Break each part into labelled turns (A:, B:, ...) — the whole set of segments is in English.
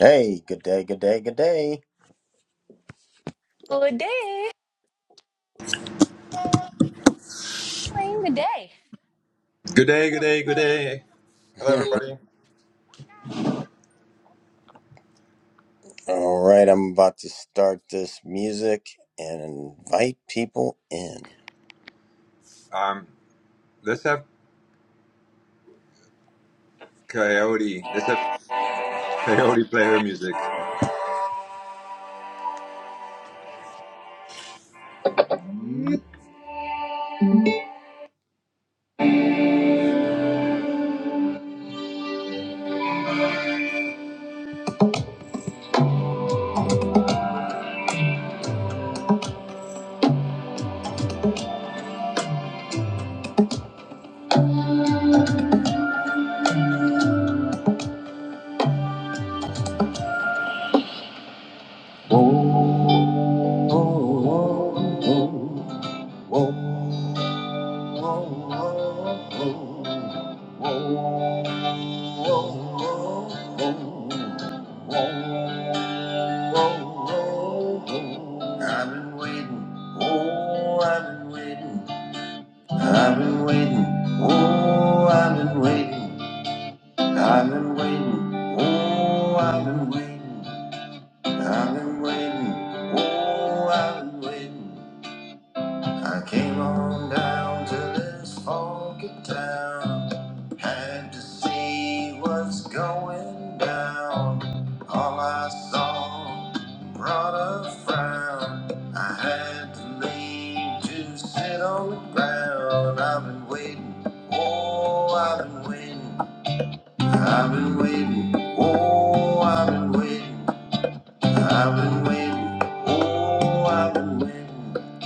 A: Hey, good day, good day, good day.
B: Good day. Playing the day.
C: Good day, good day, good day. Hello, everybody.
A: All right, I'm about to start this music and invite people in.
C: Um, let's have Coyote. Let's have Coyote play her music.
A: I've been waiting. Oh, I've been waiting. I've been waiting. Oh, I've been waiting. I've been waiting, oh, I've been waiting, I've been waiting, oh, I've been waiting. I came on down to this funky town, had to see what's going down. All I saw brought a frown. I had to leave to sit on the ground. I've been waiting, oh, I've been waiting. I've been waiting. Oh, I've been waiting. I've been waiting. Oh, I've been waiting.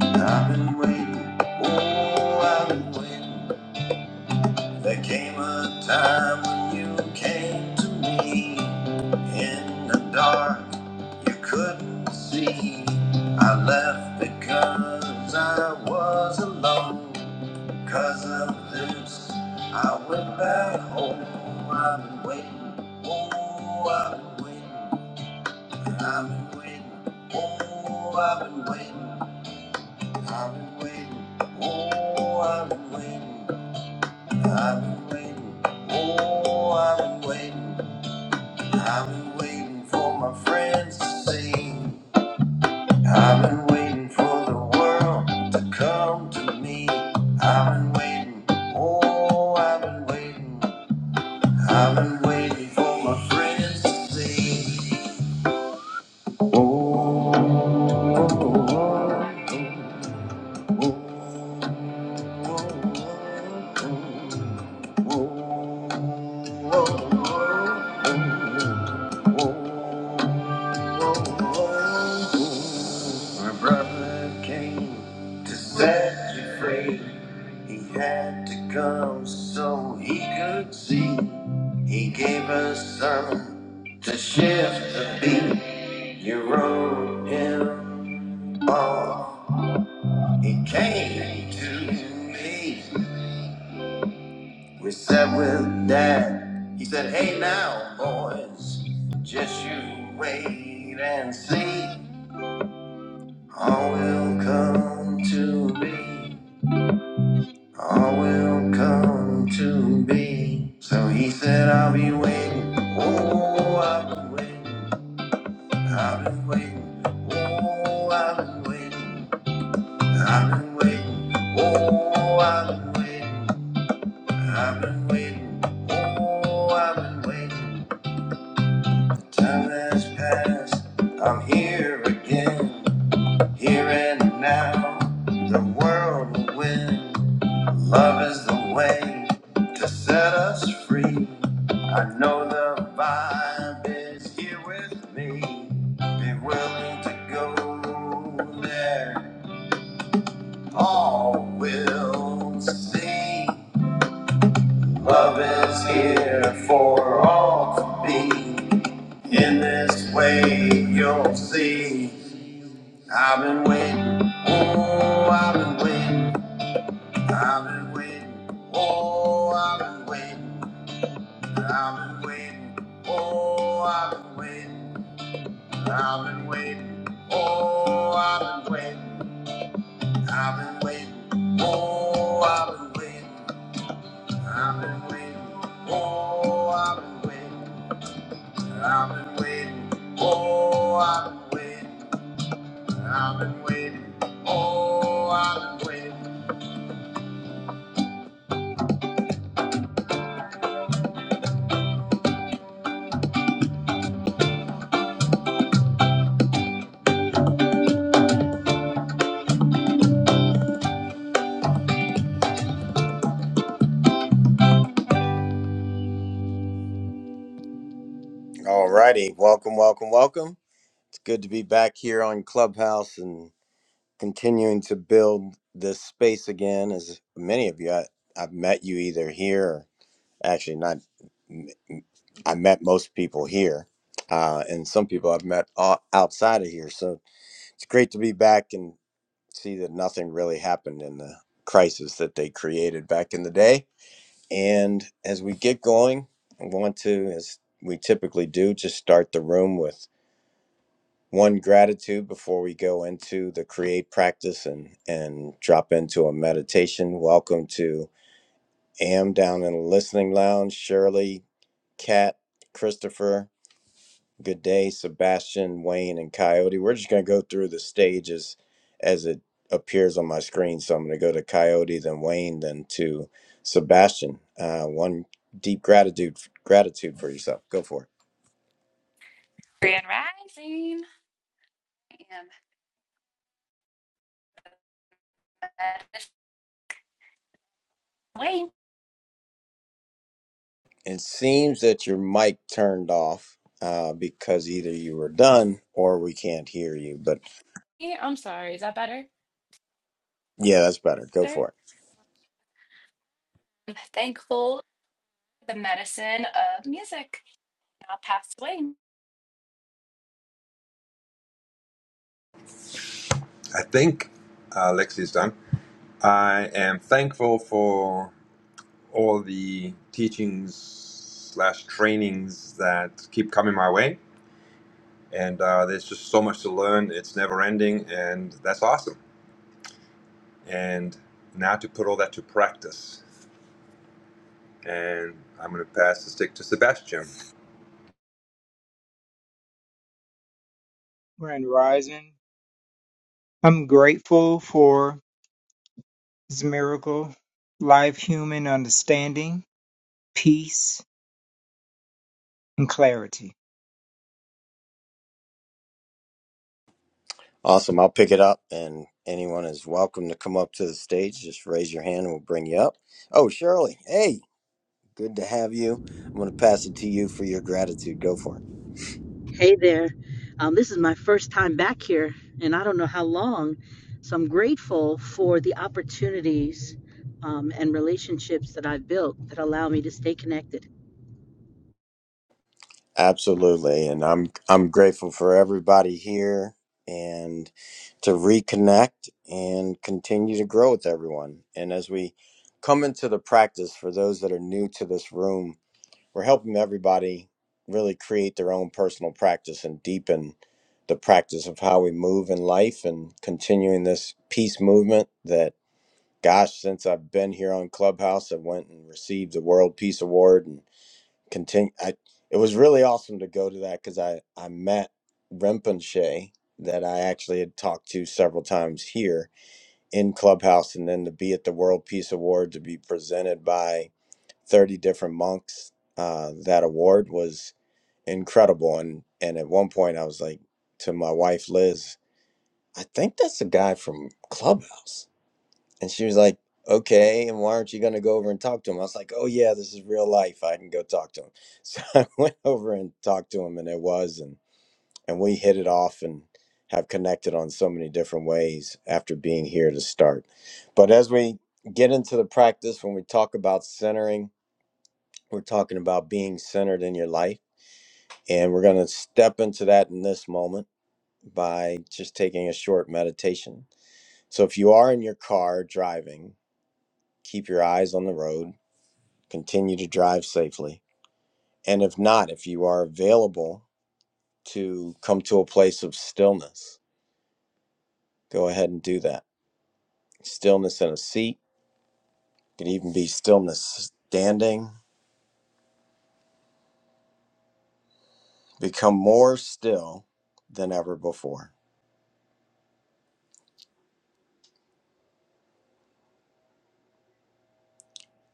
A: I've been waiting. Oh, I've been waiting. There came a time when you came to me in the dark. You couldn't see. I left because I was alone. Cause of this, I went back home. I've been waiting. Oh, I've been waiting. I've been waiting. Oh, I've been waiting. I've been waiting. Oh, I've been waiting. I've been waiting. Oh, I've been waiting. I've been waiting for my friends to see. I've been waiting for the world to come to me. I've been waiting. Oh, I've been waiting. I've been waiting for my friends to sing. Oh, oh, oh, oh, oh. oh. My brother came to set you free. He had to come so he could see. He gave us some to shift the beat. You wrote him off. He came to me. We sat with Dad. He said, Hey now, boys, just you wait and see. All will come to be. All will come to be. So he said, I'll be waiting. Oh, I've been waiting. I've been waiting. Oh, I've been waiting. I've been waiting. Oh, I've been waiting. I've been waiting. Oh, I've been waiting. Time has passed, I'm here again, here and now. The world will win. Love is the way to set us free. I know the vibe is here with me. Be willing to go there. All will see. Love is here for all to be. In this way, you'll see. I've been waiting, oh, I've been waiting, I've been waiting, oh, I've been waiting, I've been waiting, oh, I've been waiting, I've been waiting, oh, I've been waiting, I've been waiting, oh, I've been waiting, I've been waiting, oh, I've been waiting, I've been waiting, oh, I've been waiting, I've been waiting, oh, I've been waiting. All righty. Welcome, welcome, welcome. It's good to be back here on Clubhouse and continuing to build this space again. As many of you, I, I've met you either here, or actually, not, I met most people here, uh, and some people I've met o- outside of here. So it's great to be back and see that nothing really happened in the crisis that they created back in the day. And as we get going, I want to, as we typically do, just start the room with One gratitude before we go into the create practice and and drop into a meditation. Welcome to Am down in the listening lounge. Shirley, Kat, Christopher. Good day, Sebastian, Wayne, and Coyote. We're just gonna go through the stages as it appears on my screen. So I'm gonna go to Coyote, then Wayne, then to Sebastian. Uh, one deep gratitude gratitude for yourself. Go for it.
B: Grand rising. And wait.
A: It seems that your mic turned off uh, because either you were done or we can't hear you. But
B: I'm sorry. Is that better?
A: yeah, that's better. Go
B: Better.
A: for it.
B: I'm thankful for the medicine of music. I'll pass away.
C: I think uh, Lexi's done. I am thankful for all the teachings slash trainings that keep coming my way, and uh, there's just so much to learn. It's never ending, and that's awesome. And now to put all that to practice. And I'm going to pass the stick to Sebastian.
D: Grand Rising. I'm grateful for this miracle, life, human understanding, peace, and clarity.
A: Awesome. I'll pick it up, and anyone is welcome to come up to the stage. Just raise your hand and we'll bring you up. Oh, Shirley. Hey, good to have you. I'm going to pass it to you for your gratitude. Go for it.
E: Hey there. Um, this is my first time back here, and I don't know how long. So I'm grateful for the opportunities um, and relationships that I've built that allow me to stay connected.
A: Absolutely, and I'm I'm grateful for everybody here and to reconnect and continue to grow with everyone. And as we come into the practice for those that are new to this room, we're helping everybody really create their own personal practice and deepen the practice of how we move in life and continuing this peace movement that gosh since I've been here on Clubhouse I went and received the World Peace Award and continue. I it was really awesome to go to that because I I met Rinpoche that I actually had talked to several times here in Clubhouse, and then to be at the World Peace Award to be presented by thirty different monks. Uh, that award was incredible, and and at one point I was like to my wife Liz, I think that's the guy from Clubhouse and she was like, okay, and why aren't you going to go over and talk to him? I was like, oh, yeah, this is real life. I can go talk to him. So I went over and talked to him, and it was, and, and we hit it off and have connected on so many different ways after being here to start. But as we get into the practice, when we talk about centering, we're talking about being centered in your life. And we're going to step into that in this moment by just taking a short meditation. So if you are in your car driving, keep your eyes on the road continue to drive safely. And if not, if you are available to come to a place of stillness, go ahead and do that. Stillness in a seat it could even be stillness standing. Become more still than ever before.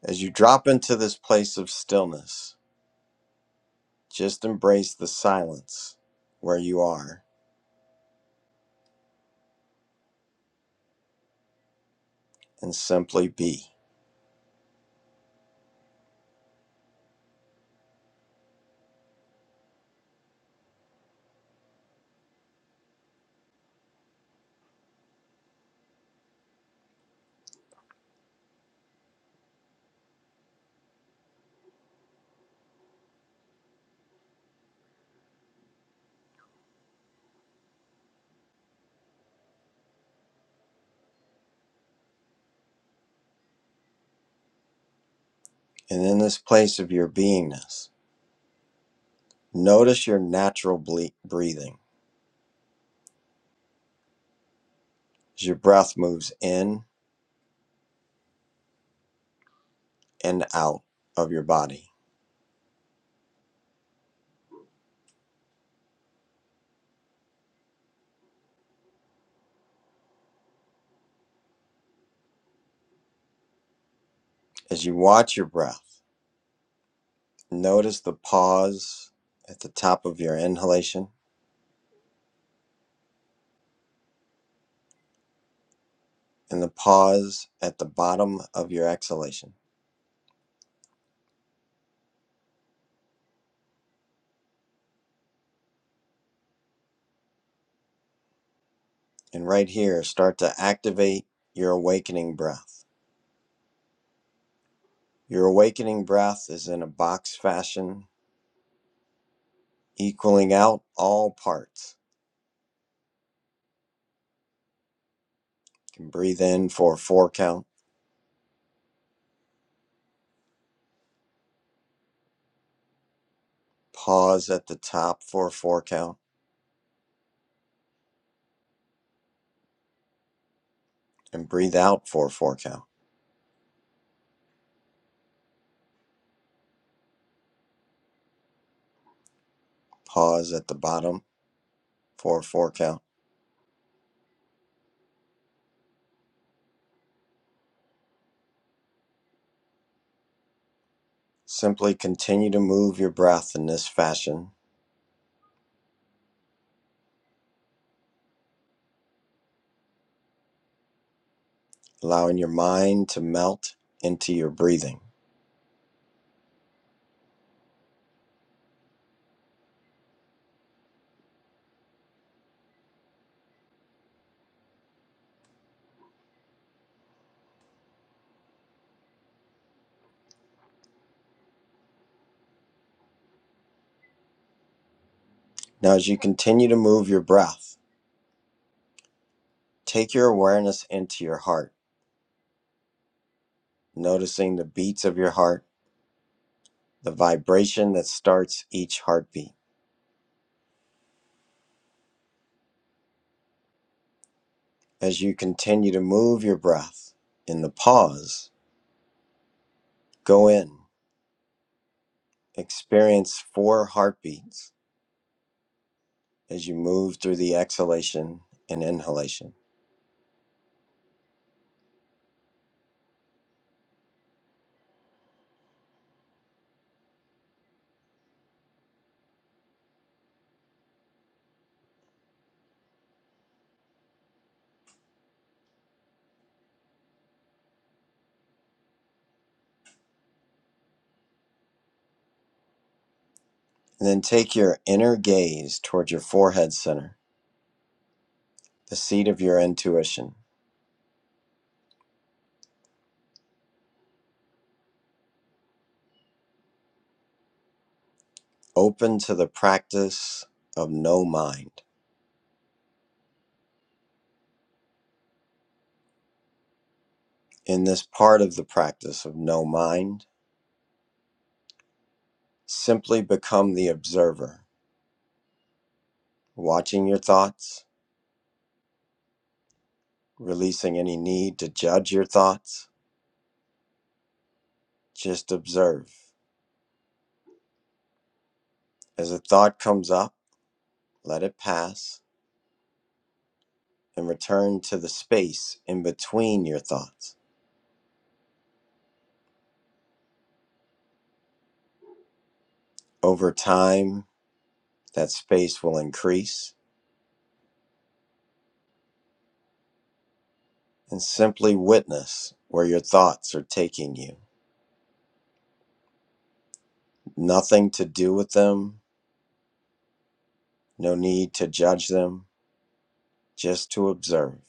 A: As you drop into this place of stillness, just embrace the silence where you are and simply be. And in this place of your beingness, notice your natural ble- breathing as your breath moves in and out of your body. As you watch your breath, notice the pause at the top of your inhalation and the pause at the bottom of your exhalation. And right here, start to activate your awakening breath. Your awakening breath is in a box fashion, equaling out all parts. You can breathe in for a four count, pause at the top for a four count, and breathe out for a four count. Pause at the bottom for a four count Simply continue to move your breath in this fashion, allowing your mind to melt into your breathing. Now, as you continue to move your breath, take your awareness into your heart, noticing the beats of your heart, the vibration that starts each heartbeat. As you continue to move your breath in the pause, go in, experience four heartbeats as you move through the exhalation and inhalation. And then take your inner gaze towards your forehead center the seat of your intuition, open to the practice of no mind. In this part of the practice of no mind, simply become the observer, watching your thoughts, releasing any need to judge your thoughts. Just observe. As a thought comes up, let it pass and return to the space in between your thoughts. Over time, that space will increase and simply witness where your thoughts are taking you. Nothing to do with them, no need to judge them, just to observe.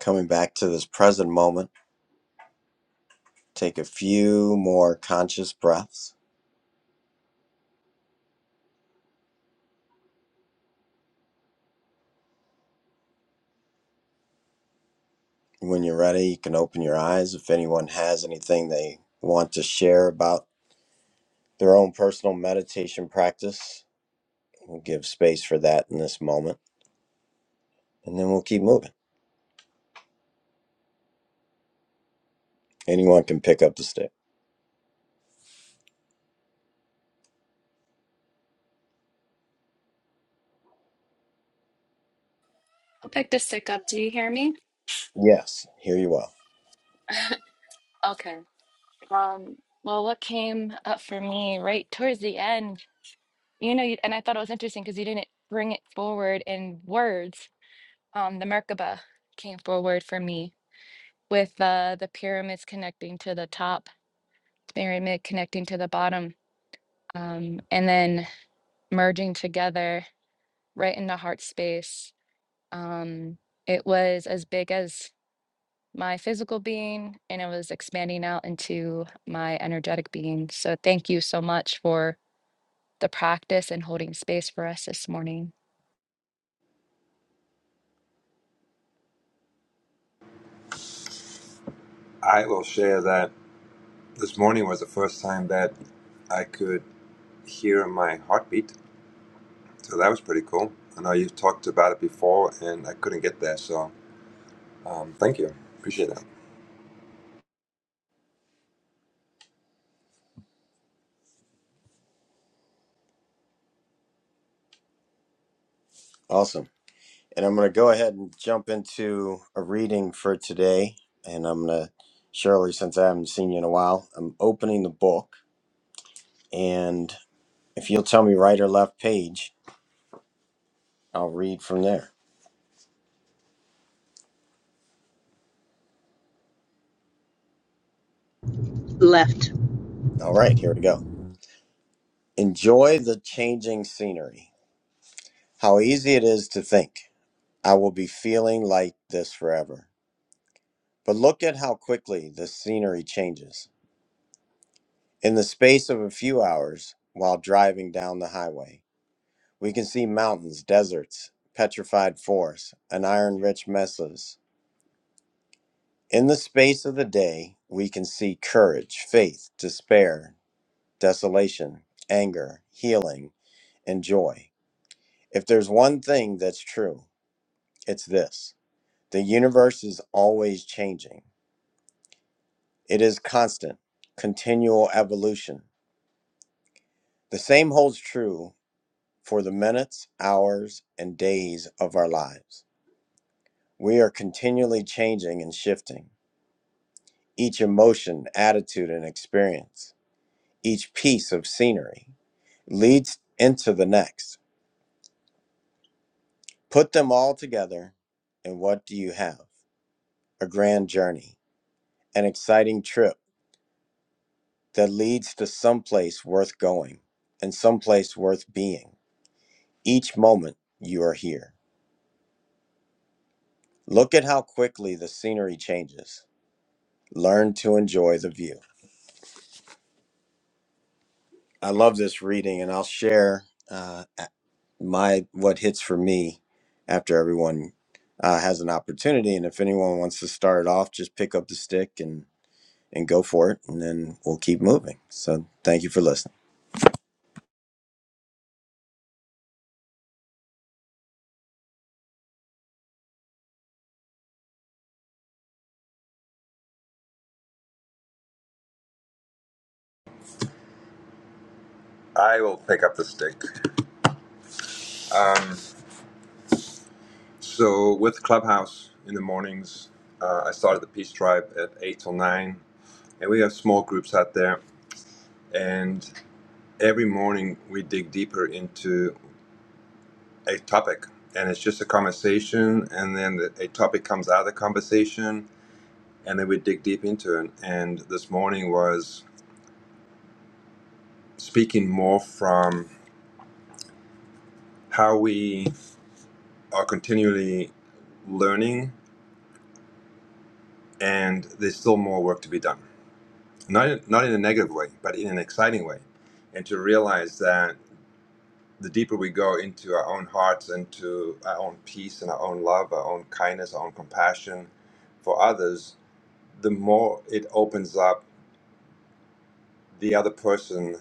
A: Coming back to this present moment, take a few more conscious breaths. When you're ready, you can open your eyes. If anyone has anything they want to share about their own personal meditation practice, we'll give space for that in this moment, and then we'll keep moving. Anyone can pick up the stick.
B: I'll pick the stick up. Do you hear me?
A: Yes, here you are.
B: Okay. Um. Well, what came up for me right towards the end, you know, you- and I thought it was interesting because you didn't bring it forward in words. Um, the Merkaba came forward for me with uh, the pyramids connecting to the top, pyramid connecting to the bottom, um, and then merging together right into heart space. Um, it was as big as my physical being and it was expanding out into my energetic being. So, thank you so much for the practice and holding space for us this morning.
C: I will share that This morning was the first time that I could hear my heartbeat, so that was pretty cool. I know you've talked about it before, and I couldn't get there, so um, thank you. Appreciate that.
A: Awesome. And I'm going to go ahead and jump into a reading for today. And I'm going to, Shirley, since I haven't seen you in a while, I'm opening the book. And if you'll tell me right or left page, I'll read from there.
E: Left.
A: All right, here we go. Enjoy the changing scenery. How easy it is to think, I will be feeling like this forever. But look at how quickly the scenery changes. In the space of a few hours, while driving down the highway, We can see mountains, deserts, petrified forests, and iron rich mesas. In the space of the day, we can see courage, faith, despair, desolation, anger, healing, and joy. If there's one thing that's true, it's this the universe is always changing, it is constant, continual evolution. The same holds true for the minutes, hours, and days of our lives. We are continually changing and shifting. each emotion, attitude, and experience, each piece of scenery leads into the next. Put them all together, and what do you have? A grand journey, an exciting trip that leads to someplace worth going and someplace worth being. Each moment you are here. Look at how quickly the scenery changes. Learn to enjoy the view. I love this reading, and I'll share. uh, my what hits for me after everyone uh, has an opportunity and if anyone wants to start off just pick up the stick and and go for it and then we'll keep moving so thank you for listening
C: I will pick up the stick. Um, so with Clubhouse in the mornings, uh, I started the Peace Tribe at eight till nine, and we have small groups out there. And every morning we dig deeper into a topic, and it's just a conversation, and then the, a topic comes out of the conversation and then we dig deep into it. And this morning was speaking more from how we are continually learning, and there's still more work to be done. Not in, not in a negative way, but in an exciting way, and to realize that the deeper we go into our own hearts, into our own peace and our own love, our own kindness, our own compassion for others, the more it opens up the other person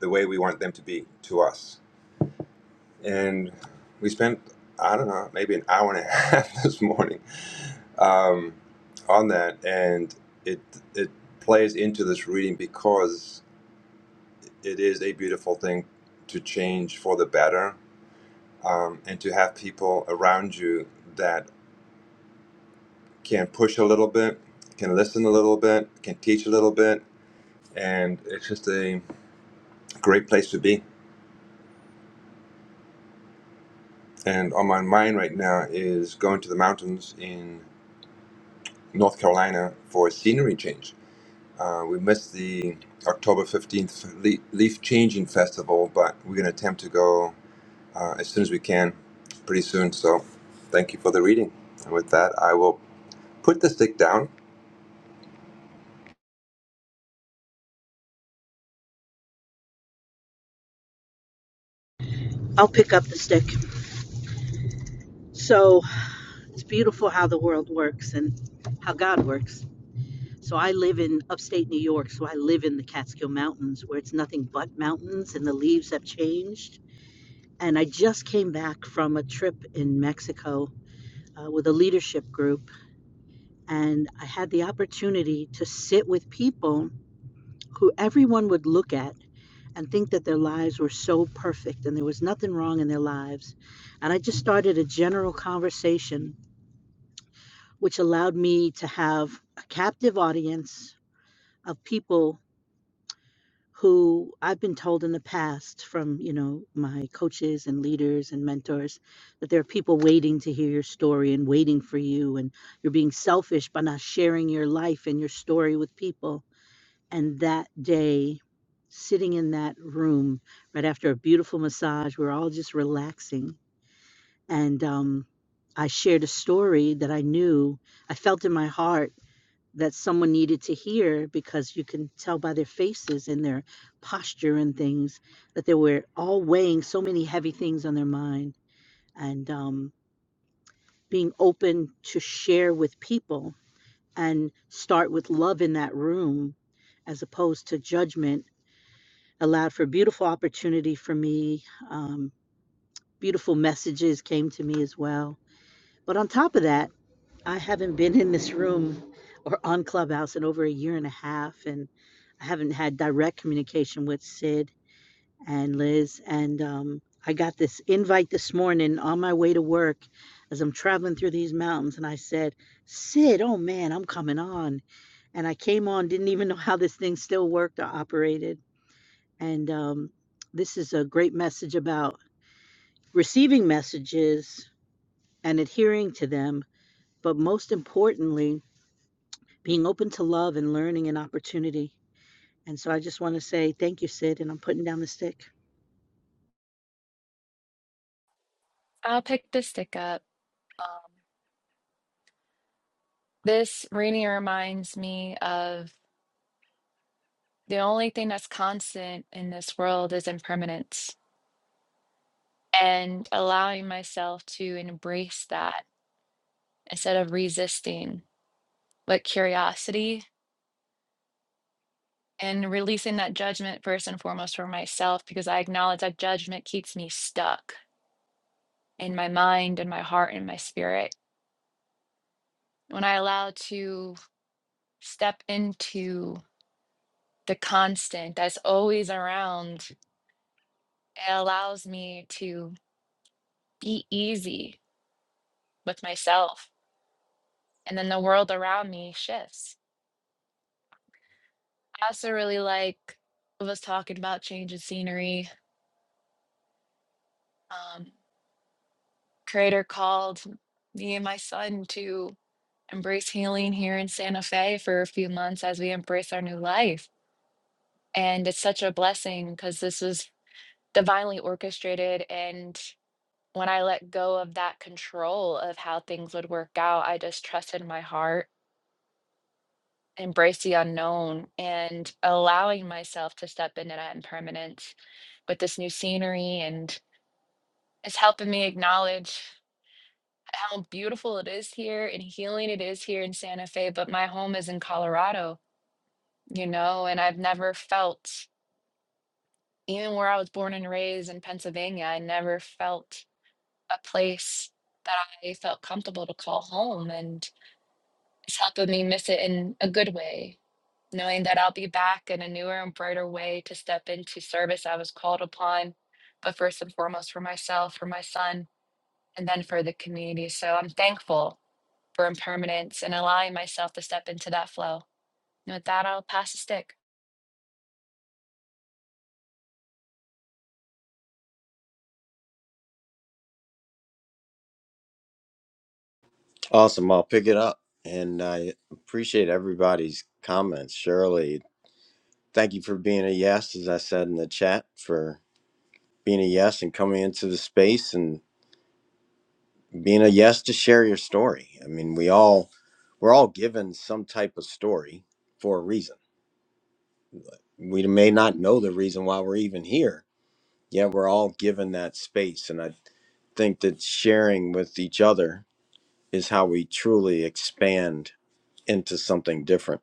C: the way we want them to be to us and we spent I don't know maybe an hour and a half this morning um, on that, and it it plays into this reading because it is a beautiful thing to change for the better, um, and to have people around you that can push a little bit, can listen a little bit, can teach a little bit, and it's just a great place to be. And on my mind right now is going to the mountains in North Carolina for a scenery change Uh, we missed the October 15th Leaf Changing Festival, but we're going to attempt to go uh, as soon as we can, pretty soon. So thank you for the reading. And with that, I will put the stick down.
E: I'll pick up the stick. So it's beautiful how the world works and how God works. So I live in upstate New York, so I live in the Catskill Mountains where it's nothing but mountains and the leaves have changed. And I just came back from a trip in Mexico uh, with a leadership group And I had the opportunity to sit with people who everyone would look at and think that their lives were so perfect and there was nothing wrong in their lives. And I just started a general conversation, which allowed me to have a captive audience of people who I've been told in the past from, you know, my coaches and leaders and mentors that there are people waiting to hear your story and waiting for you and you're being selfish by not sharing your life and your story with people. and that day sitting in that room right after a beautiful massage we we're all just relaxing and um, i shared a story that i knew i felt in my heart that someone needed to hear because you can tell by their faces and their posture and things that they were all weighing so many heavy things on their mind and um, being open to share with people and start with love in that room as opposed to judgment allowed for beautiful opportunity for me. Um, beautiful messages came to me as well. But on top of that, I haven't been in this room or on Clubhouse in over a year and a half, and I haven't had direct communication with Sid and Liz. And um, I got this invite this morning on my way to work as I'm traveling through these mountains, and I said, Sid, oh man, I'm coming on. And I came on, didn't even know how this thing still worked or operated and um, this is a great message about receiving messages and adhering to them, but most importantly, being open to love and learning and opportunity. And so I just want to say thank you, Sid, and I'm putting down the stick.
B: I'll pick the stick up. This reading reminds me of the only thing that's constant in this world is impermanence and allowing myself to embrace that instead of resisting, but curiosity and releasing that judgment first and foremost for myself because I acknowledge that judgment keeps me stuck in my mind and my heart and my spirit. When I allow to step into the constant that's always around, it allows me to be easy with myself. And then the world around me shifts I also really like was talking about change of scenery. Um, creator called me and my son to embrace healing here in Santa Fe for a few months as we embrace our new life. And it's such a blessing because this was divinely orchestrated. And when I let go of that control of how things would work out, I just trusted my heart, embraced the unknown, and allowing myself to step into that impermanence with this new scenery and is helping me acknowledge how beautiful it is here and healing it is here in Santa Fe, but my home is in Colorado, you know, and I've never felt, even where I was born and raised in Pennsylvania, I never felt a place that I felt comfortable to call home. And it's helping me miss it in a good way, knowing that I'll be back in a newer and brighter way to step into service I was called upon, but first and foremost for myself, for my son, and then for the community. So I'm thankful for impermanence and allowing myself to step into that flow. And with that, I'll pass the stick.
A: awesome i'll pick it up and i appreciate everybody's comments shirley thank you for being a yes as i said in the chat for being a yes and coming into the space and being a yes to share your story i mean we all we're all given some type of story for a reason we may not know the reason why we're even here yet we're all given that space and i think that sharing with each other is how we truly expand into something different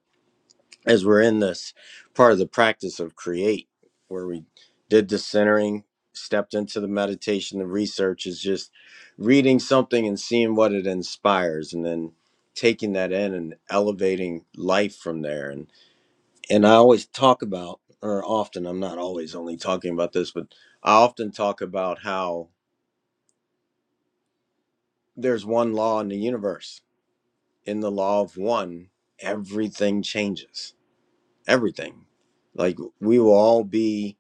A: as we're in this part of the practice of create where we did the centering stepped into the meditation the research is just reading something and seeing what it inspires and then taking that in and elevating life from there and and I always talk about, or often, I'm not always only talking about this, but I often talk about how there's one law in the universe. In the law of one, everything changes. Everything. Like we will all be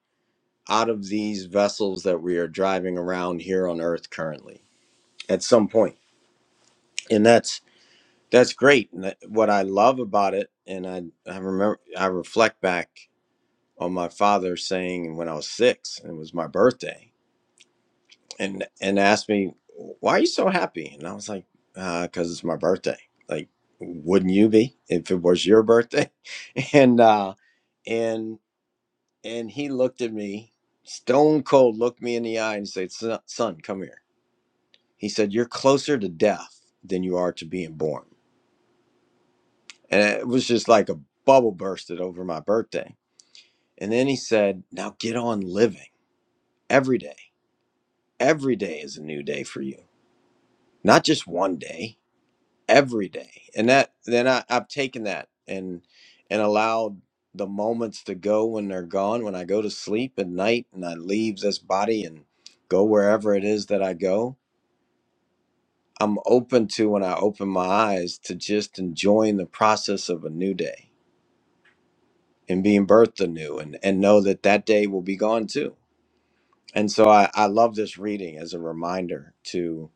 A: out of these vessels that we are driving around here on earth currently at some point. And that's that's great. And that, what I love about it and I I remember I reflect back on my father saying when I was 6 and it was my birthday and and asked me why are you so happy and i was like because it's my birthday like wouldn't you be if it was your birthday and uh and and he looked at me stone cold looked me in the eye and said son son, come here he said you're closer to death than you are to being born and it was just like a bubble bursted over my birthday and then he said now get on living every day every day is a new day for you not just one day every day and that then I, i've taken that and and allowed the moments to go when they're gone when i go to sleep at night and i leave this body and go wherever it is that i go i'm open to when i open my eyes to just enjoying the process of a new day and being birthed anew and and know that that day will be gone too and so i i love this reading as a reminder to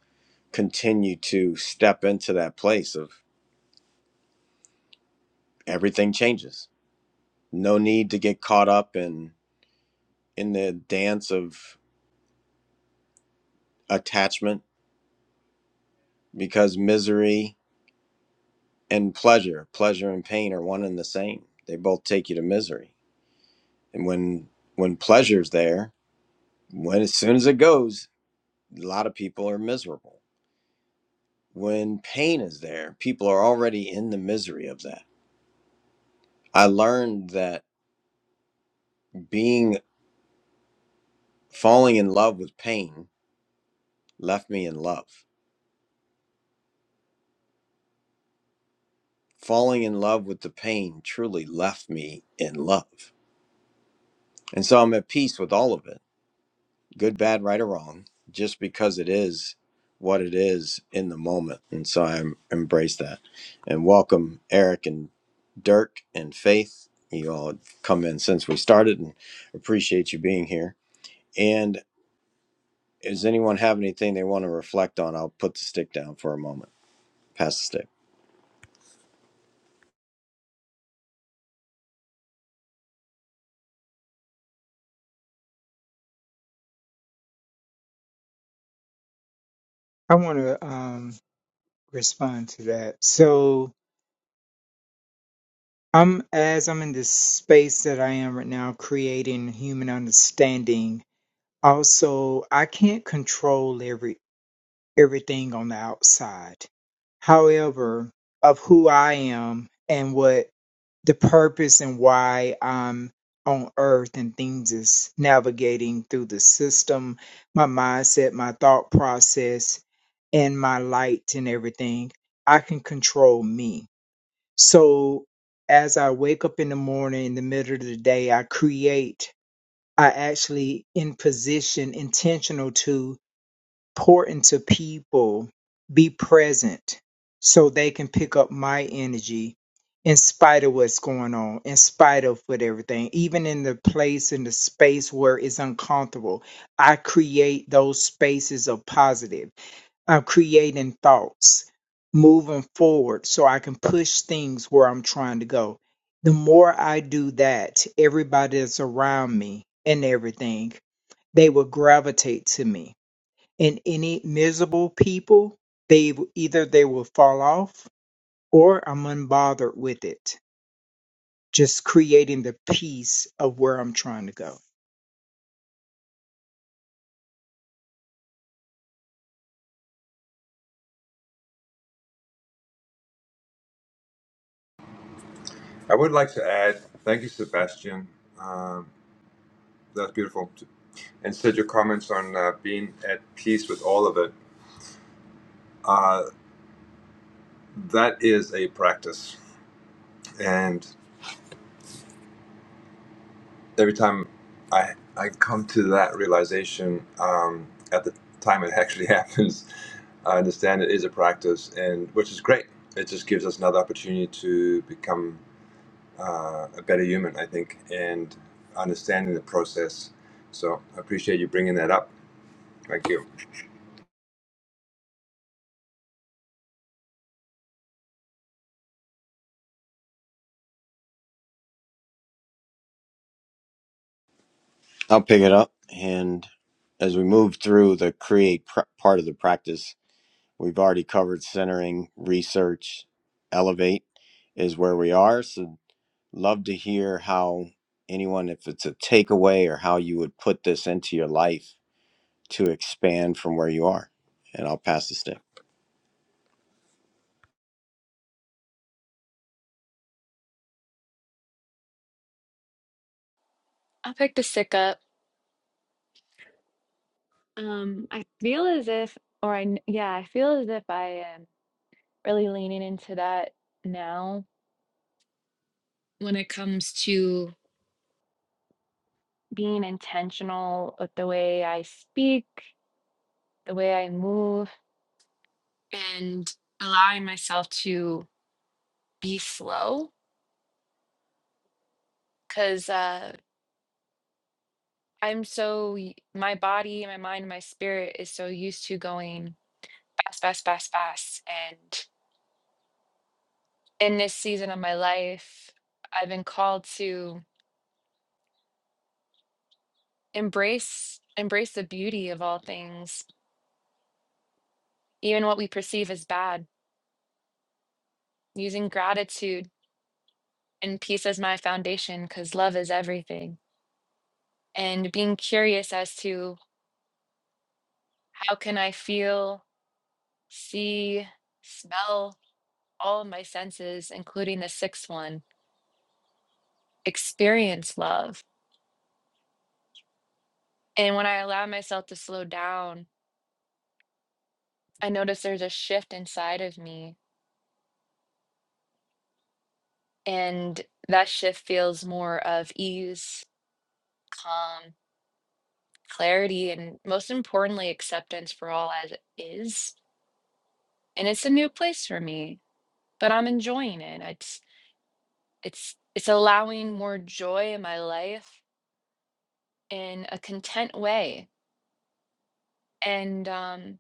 A: continue to step into that place of everything changes no need to get caught up in in the dance of attachment because misery and pleasure pleasure and pain are one and the same they both take you to misery and when when pleasure's there when as soon as it goes a lot of people are miserable when pain is there people are already in the misery of that i learned that being falling in love with pain left me in love falling in love with the pain truly left me in love And so I'm at peace with all of it, good, bad, right, or wrong, just because it is what it is in the moment. And so I embrace that and welcome Eric and Dirk and Faith. You all have come in since we started and appreciate you being here. And does anyone have anything they want to reflect on? I'll put the stick down for a moment, pass the stick.
D: I want to um, respond to that. So, I'm as I'm in this space that I am right now, creating human understanding. Also, I can't control every everything on the outside. However, of who I am and what the purpose and why I'm on earth and things is navigating through the system, my mindset, my thought process, and my light and everything, I can control me. So as I wake up in the morning, in the middle of the day, I create, I actually in position intentional to important to people be present so they can pick up my energy in spite of what's going on, in spite of what everything, even in the place in the space where it's uncomfortable. I create those spaces of positive. I'm creating thoughts moving forward so I can push things where I'm trying to go. The more I do that, everybody that's around me and everything, they will gravitate to me and any miserable people, they w- either they will fall off or I'm unbothered with it. Just creating the peace of where I'm trying to go.
C: I would like to add thank you, Sebastian. Um, that's beautiful. And said your comments on uh, being at peace with all of it. Uh, that is a practice. and. every time I I come to that realization um, at the time it actually happens, I understand it is a practice, and which is great. It just gives us another opportunity to become uh, a better human, I think, and understanding the process. So I appreciate you bringing that up. Thank you.
A: I'll pick it up. And as we move through the create pr- part of the practice, We've already covered centering, research, elevate is where we are. So, love to hear how anyone, if it's a takeaway or how you would put this into your life to expand from where you are. And I'll pass the stick.
B: I'll pick the stick up. Um, I feel as if, or I, yeah, I feel as if I am really leaning into that now when it comes to being intentional with the way I speak, the way I move, and allowing myself to be slow. Cause uh, I'm so, my body, my mind, my spirit is so used to going Yes, best, best, best. And in this season of my life, I've been called to embrace embrace the beauty of all things, even what we perceive as bad, using gratitude and peace as my foundation because love is everything. And being curious as to how can I feel, see, smell all of my senses, including the sixth one, experience love. And when I allow myself to slow down, I notice there's a shift inside of me And that shift feels more of ease, calm, clarity, and most importantly, acceptance for all as it is. And it's a new place for me, but I'm enjoying it. It's it's it's allowing more joy in my life in a content way. And um,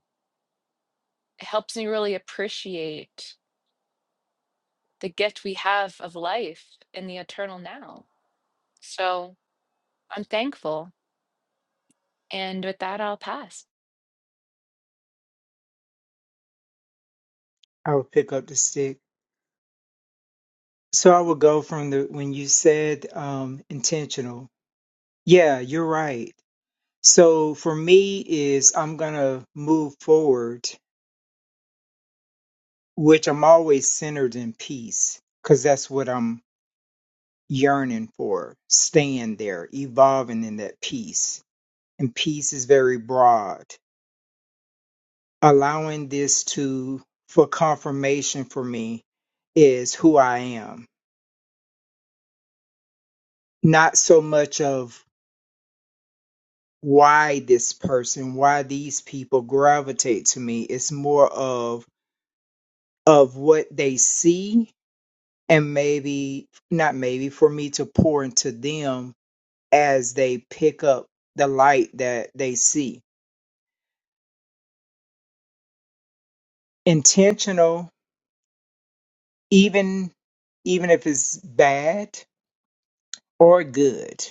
B: it helps me really appreciate the gift we have of life in the eternal now. So I'm thankful. And with that, I'll pass.
D: I would pick up the stick. So I would go from the when you said um, intentional. Yeah, you're right. So for me is I'm gonna move forward, which I'm always centered in peace, because that's what I'm yearning for, staying there, evolving in that peace and peace is very broad. Allowing this to for confirmation for me is who I am, not so much of why this person, why these people gravitate to me. It's more of of what they see and maybe not maybe for me to pour into them as they pick up the light that they see. Intentional, even even if it's bad or good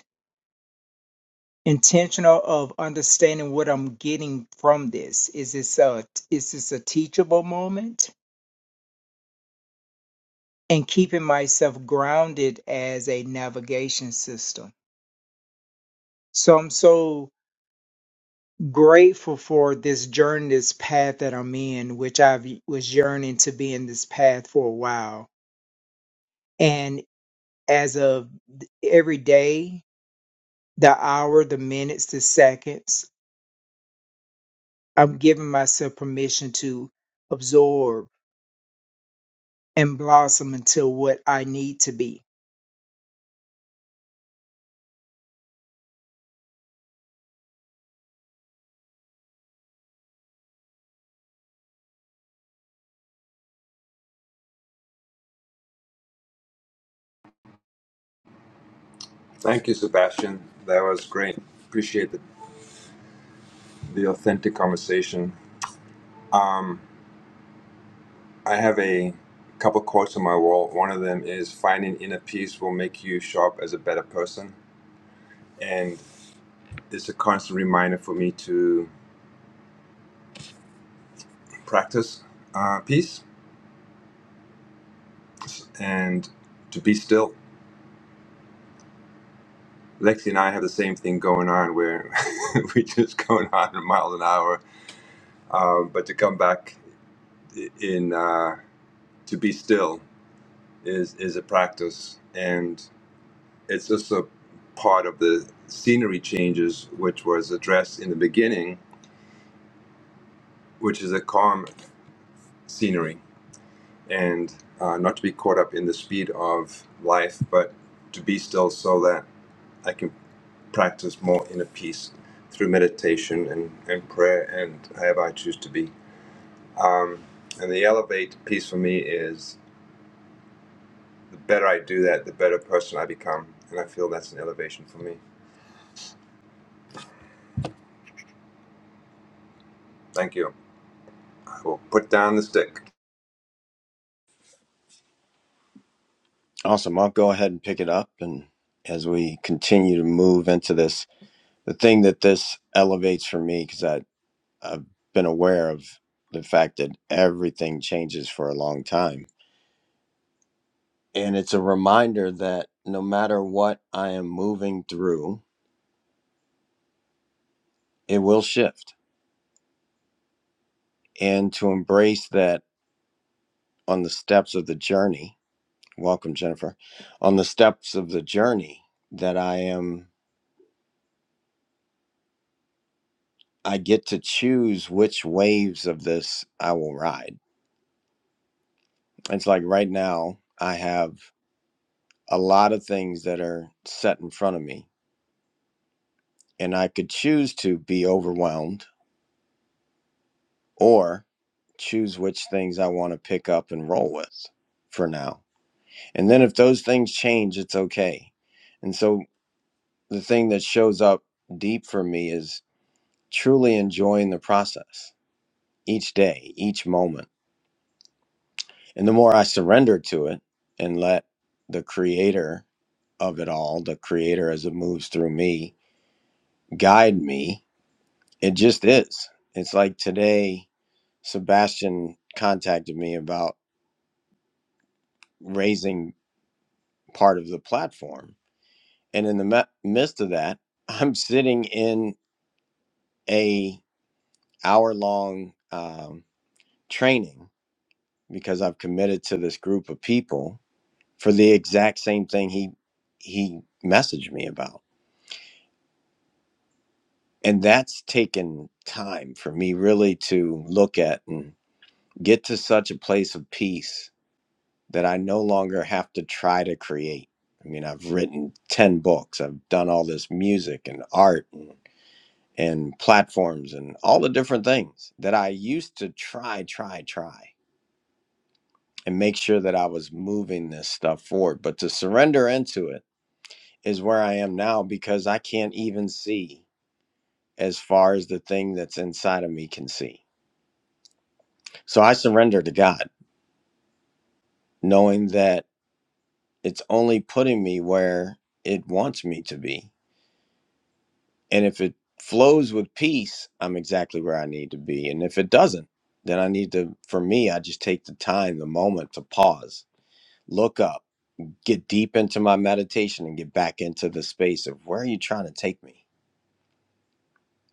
D: intentional of understanding what I'm getting from this. Is this a is this a teachable moment? And keeping myself grounded as a navigation system. So I'm so grateful for this journey, this path that I'm in, which I was yearning to be in this path for a while. And as of every day, the hour, the minutes, the seconds, I'm giving myself permission to absorb and blossom until what I need to be.
C: Thank you, Sebastian. That was great. Appreciate the, the authentic conversation. Um, I have a couple quotes on my wall. One of them is finding inner peace will make you show up as a better person. And it's a constant reminder for me to practice uh, peace and to be still. Lexi and I have the same thing going on where we're just going 100 miles an hour. Um, but to come back in, uh, to be still is, is a practice. And it's just a part of the scenery changes, which was addressed in the beginning which is a calm scenery and uh, not to be caught up in the speed of life, but to be still so that I can practice more inner peace through meditation and, and prayer and however I choose to be. Um, and the elevate piece for me is the better I do that, the better person I become. And I feel that's an elevation for me. Thank you. I will put down the stick.
A: Awesome. I'll go ahead and pick it up. And as we continue to move into this, the thing that this elevates for me, because I've been aware of the fact that everything changes for a long time And it's a reminder that no matter what I am moving through, it will shift. And to embrace that on the steps of the journey, welcome, Jennifer, on the steps of the journey that I am, I get to choose which waves of this I will ride. It's like right now, I have a lot of things that are set in front of me, and I could choose to be overwhelmed or choose which things I want to pick up and roll with for now And then if those things change, it's okay. And so the thing that shows up deep for me is truly enjoying the process each day, each moment. And the more I surrender to it and let the creator of it all, the creator as it moves through me, guide me, it just is. It's like today, Sebastian contacted me about raising part of the platform. And in the me- midst of that, I'm sitting in a hour long um, training because I've committed to this group of people for the exact same thing he he messaged me about. And that's taken time for me really to look at and get to such a place of peace that I no longer have to try to create. I mean, I've written 10 books, I've done all this music and art and, and platforms and all the different things that I used to try, try, try. and make sure that I was moving this stuff forward. But to surrender into it is where I am now because I can't even see as far as the thing that's inside of me can see. So I surrender to God, knowing that it's only putting me where it wants me to be. And if it flows with peace, I'm exactly where I need to be. And if it doesn't, then I need to, for me, I just take the time, the moment to pause, look up get deep into my meditation and get back into the space of where are you trying to take me?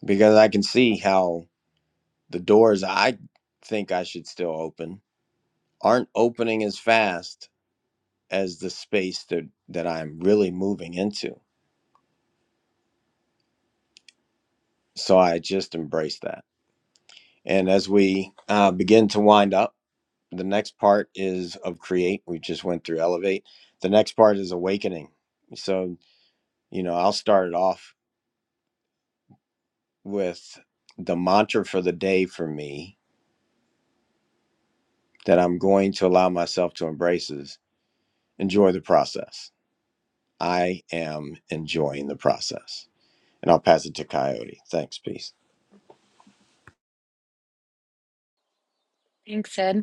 A: Because I can see how the doors I think I should still open aren't opening as fast as the space that, that I'm really moving into. So I just embrace that. And as we uh, begin to wind up, the next part is of create. We just went through elevate. The next part is awakening. So, you know, I'll start it off with the mantra for the day for me that I'm going to allow myself to embrace is enjoy the process. I am enjoying the process. And I'll pass it to Coyote. Thanks. Peace.
B: Thanks, Ed.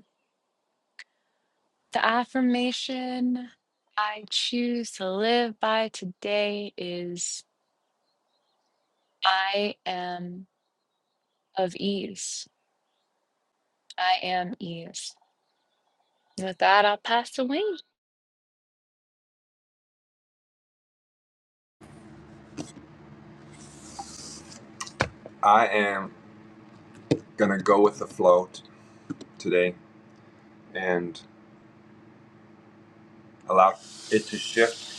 B: The affirmation I choose to live by today is I am of ease. I am ease. With that, I'll pass the wings.
C: I am going to go with the flow t- today and allow it to shift,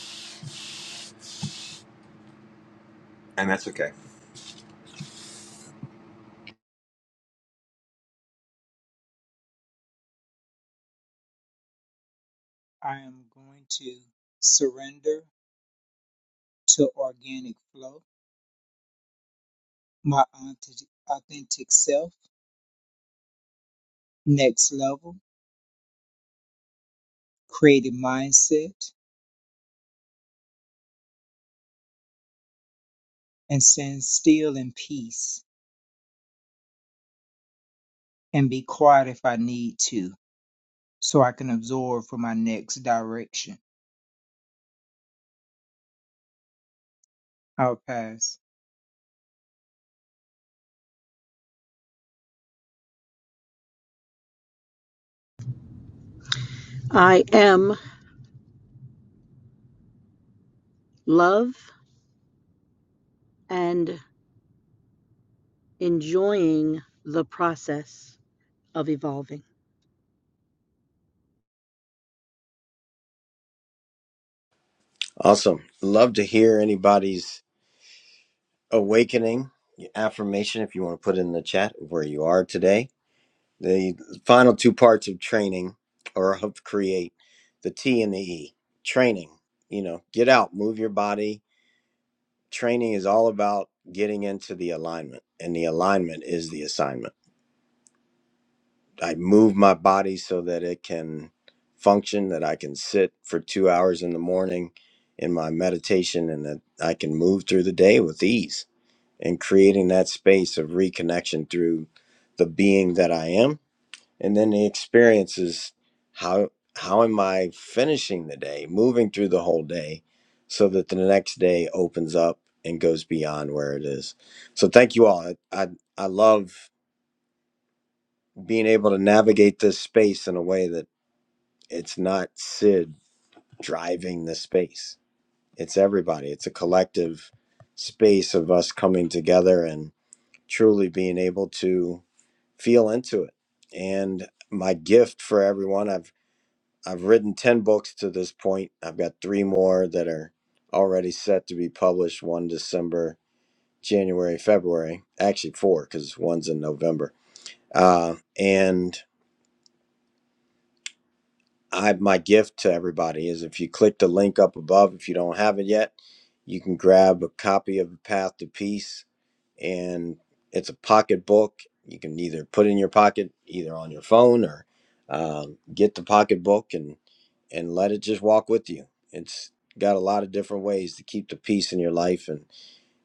C: and that's okay.
D: I am going to surrender to organic flow, my authentic authentic self, next level, creative mindset, and stand still in peace and be quiet if I need to so I can absorb for my next direction. I'll pass.
E: I am love and enjoying the process of evolving.
A: Awesome. Love to hear anybody's awakening affirmation if you want to put in the chat where you are today. The final two parts of training or of create the T and the E. Training, you know, get out, move your body. Training is all about getting into the alignment, and the alignment is the assignment I move my body so that it can function, that I can sit for two hours in the morning in my meditation and that I can move through the day with ease and creating that space of reconnection through the being that I am. And then the experience is how how am I finishing the day, moving through the whole day so that the next day opens up and goes beyond where it is. So thank you all. I I, I love being able to navigate this space in a way that it's not Sid driving the space. It's everybody. It's a collective space of us coming together and truly being able to feel into it. And my gift for everyone, I've I've written 10 books to this point. I've got 3 more that are already set to be published, one December, January, February. Actually 4 cuz one's in November. Uh and I my gift to everybody is if you click the link up above, if you don't have it yet, you can grab a copy of Path to Peace, and it's a pocket book. You can either put in your pocket, either on your phone, or um, get the pocket book and and let it just walk with you. It's got a lot of different ways to keep the peace in your life, and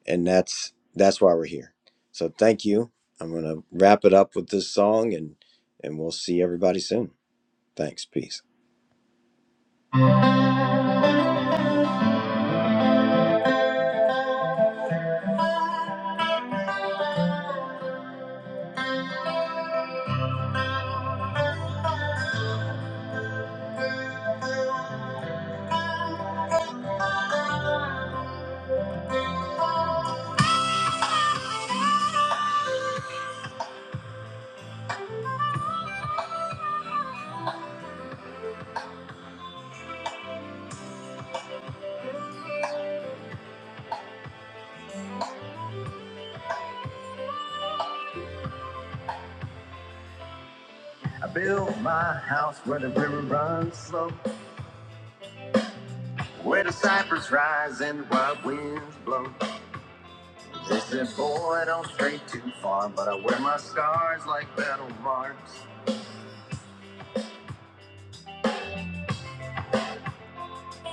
A: and that's that's why we're here. So thank you. I'm gonna wrap it up with this song, and and we'll see everybody soon. Thanks. Peace. Build my house where the river runs slow, where the cypress rise and the wild winds blow. They said, boy, don't stray too far, but I wear my scars like battle marks.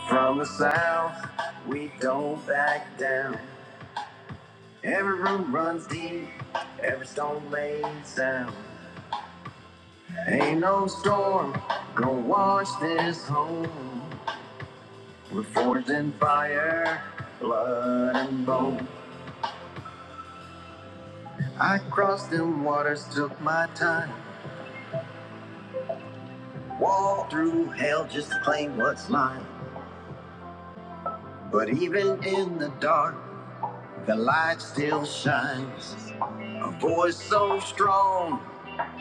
A: From the south, we don't back down. Every root runs deep, every stone laid sound. Ain't no storm gonna wash this home. We're forged in fire, blood and bone. I crossed them waters, took my time, walked through hell just to claim what's mine. But even in the dark, the light still shines. A voice so strong,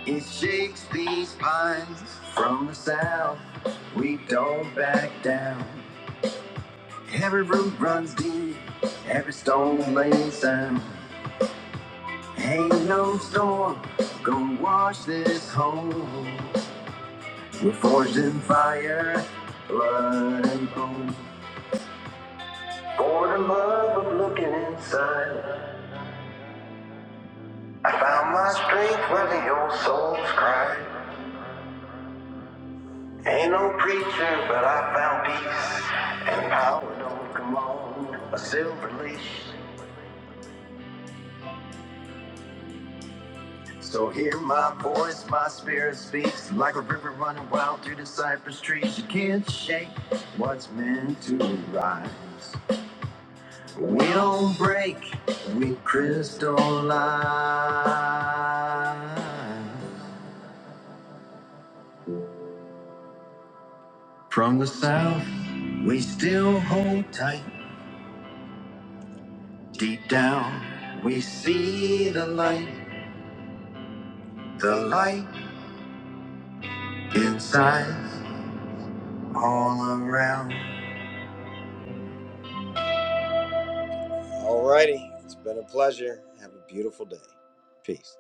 A: it shakes these pines. From the south, we don't back down. Every root runs deep, every stone lays down. Ain't no storm gonna wash this home. We're forged in fire, blood and bone. For the love of looking inside, I found my strength where the old souls cry. Ain't no preacher, but I found peace and power. Don't come on a silver leash. So hear my voice, my spirit speaks like a river running wild through the cypress trees. You can't shake what's meant to rise. We don't break, we crystallize. From the south, we still hold tight. Deep down, we see the light, the light inside, all around. Alrighty, it's been a pleasure. Have a beautiful day. Peace.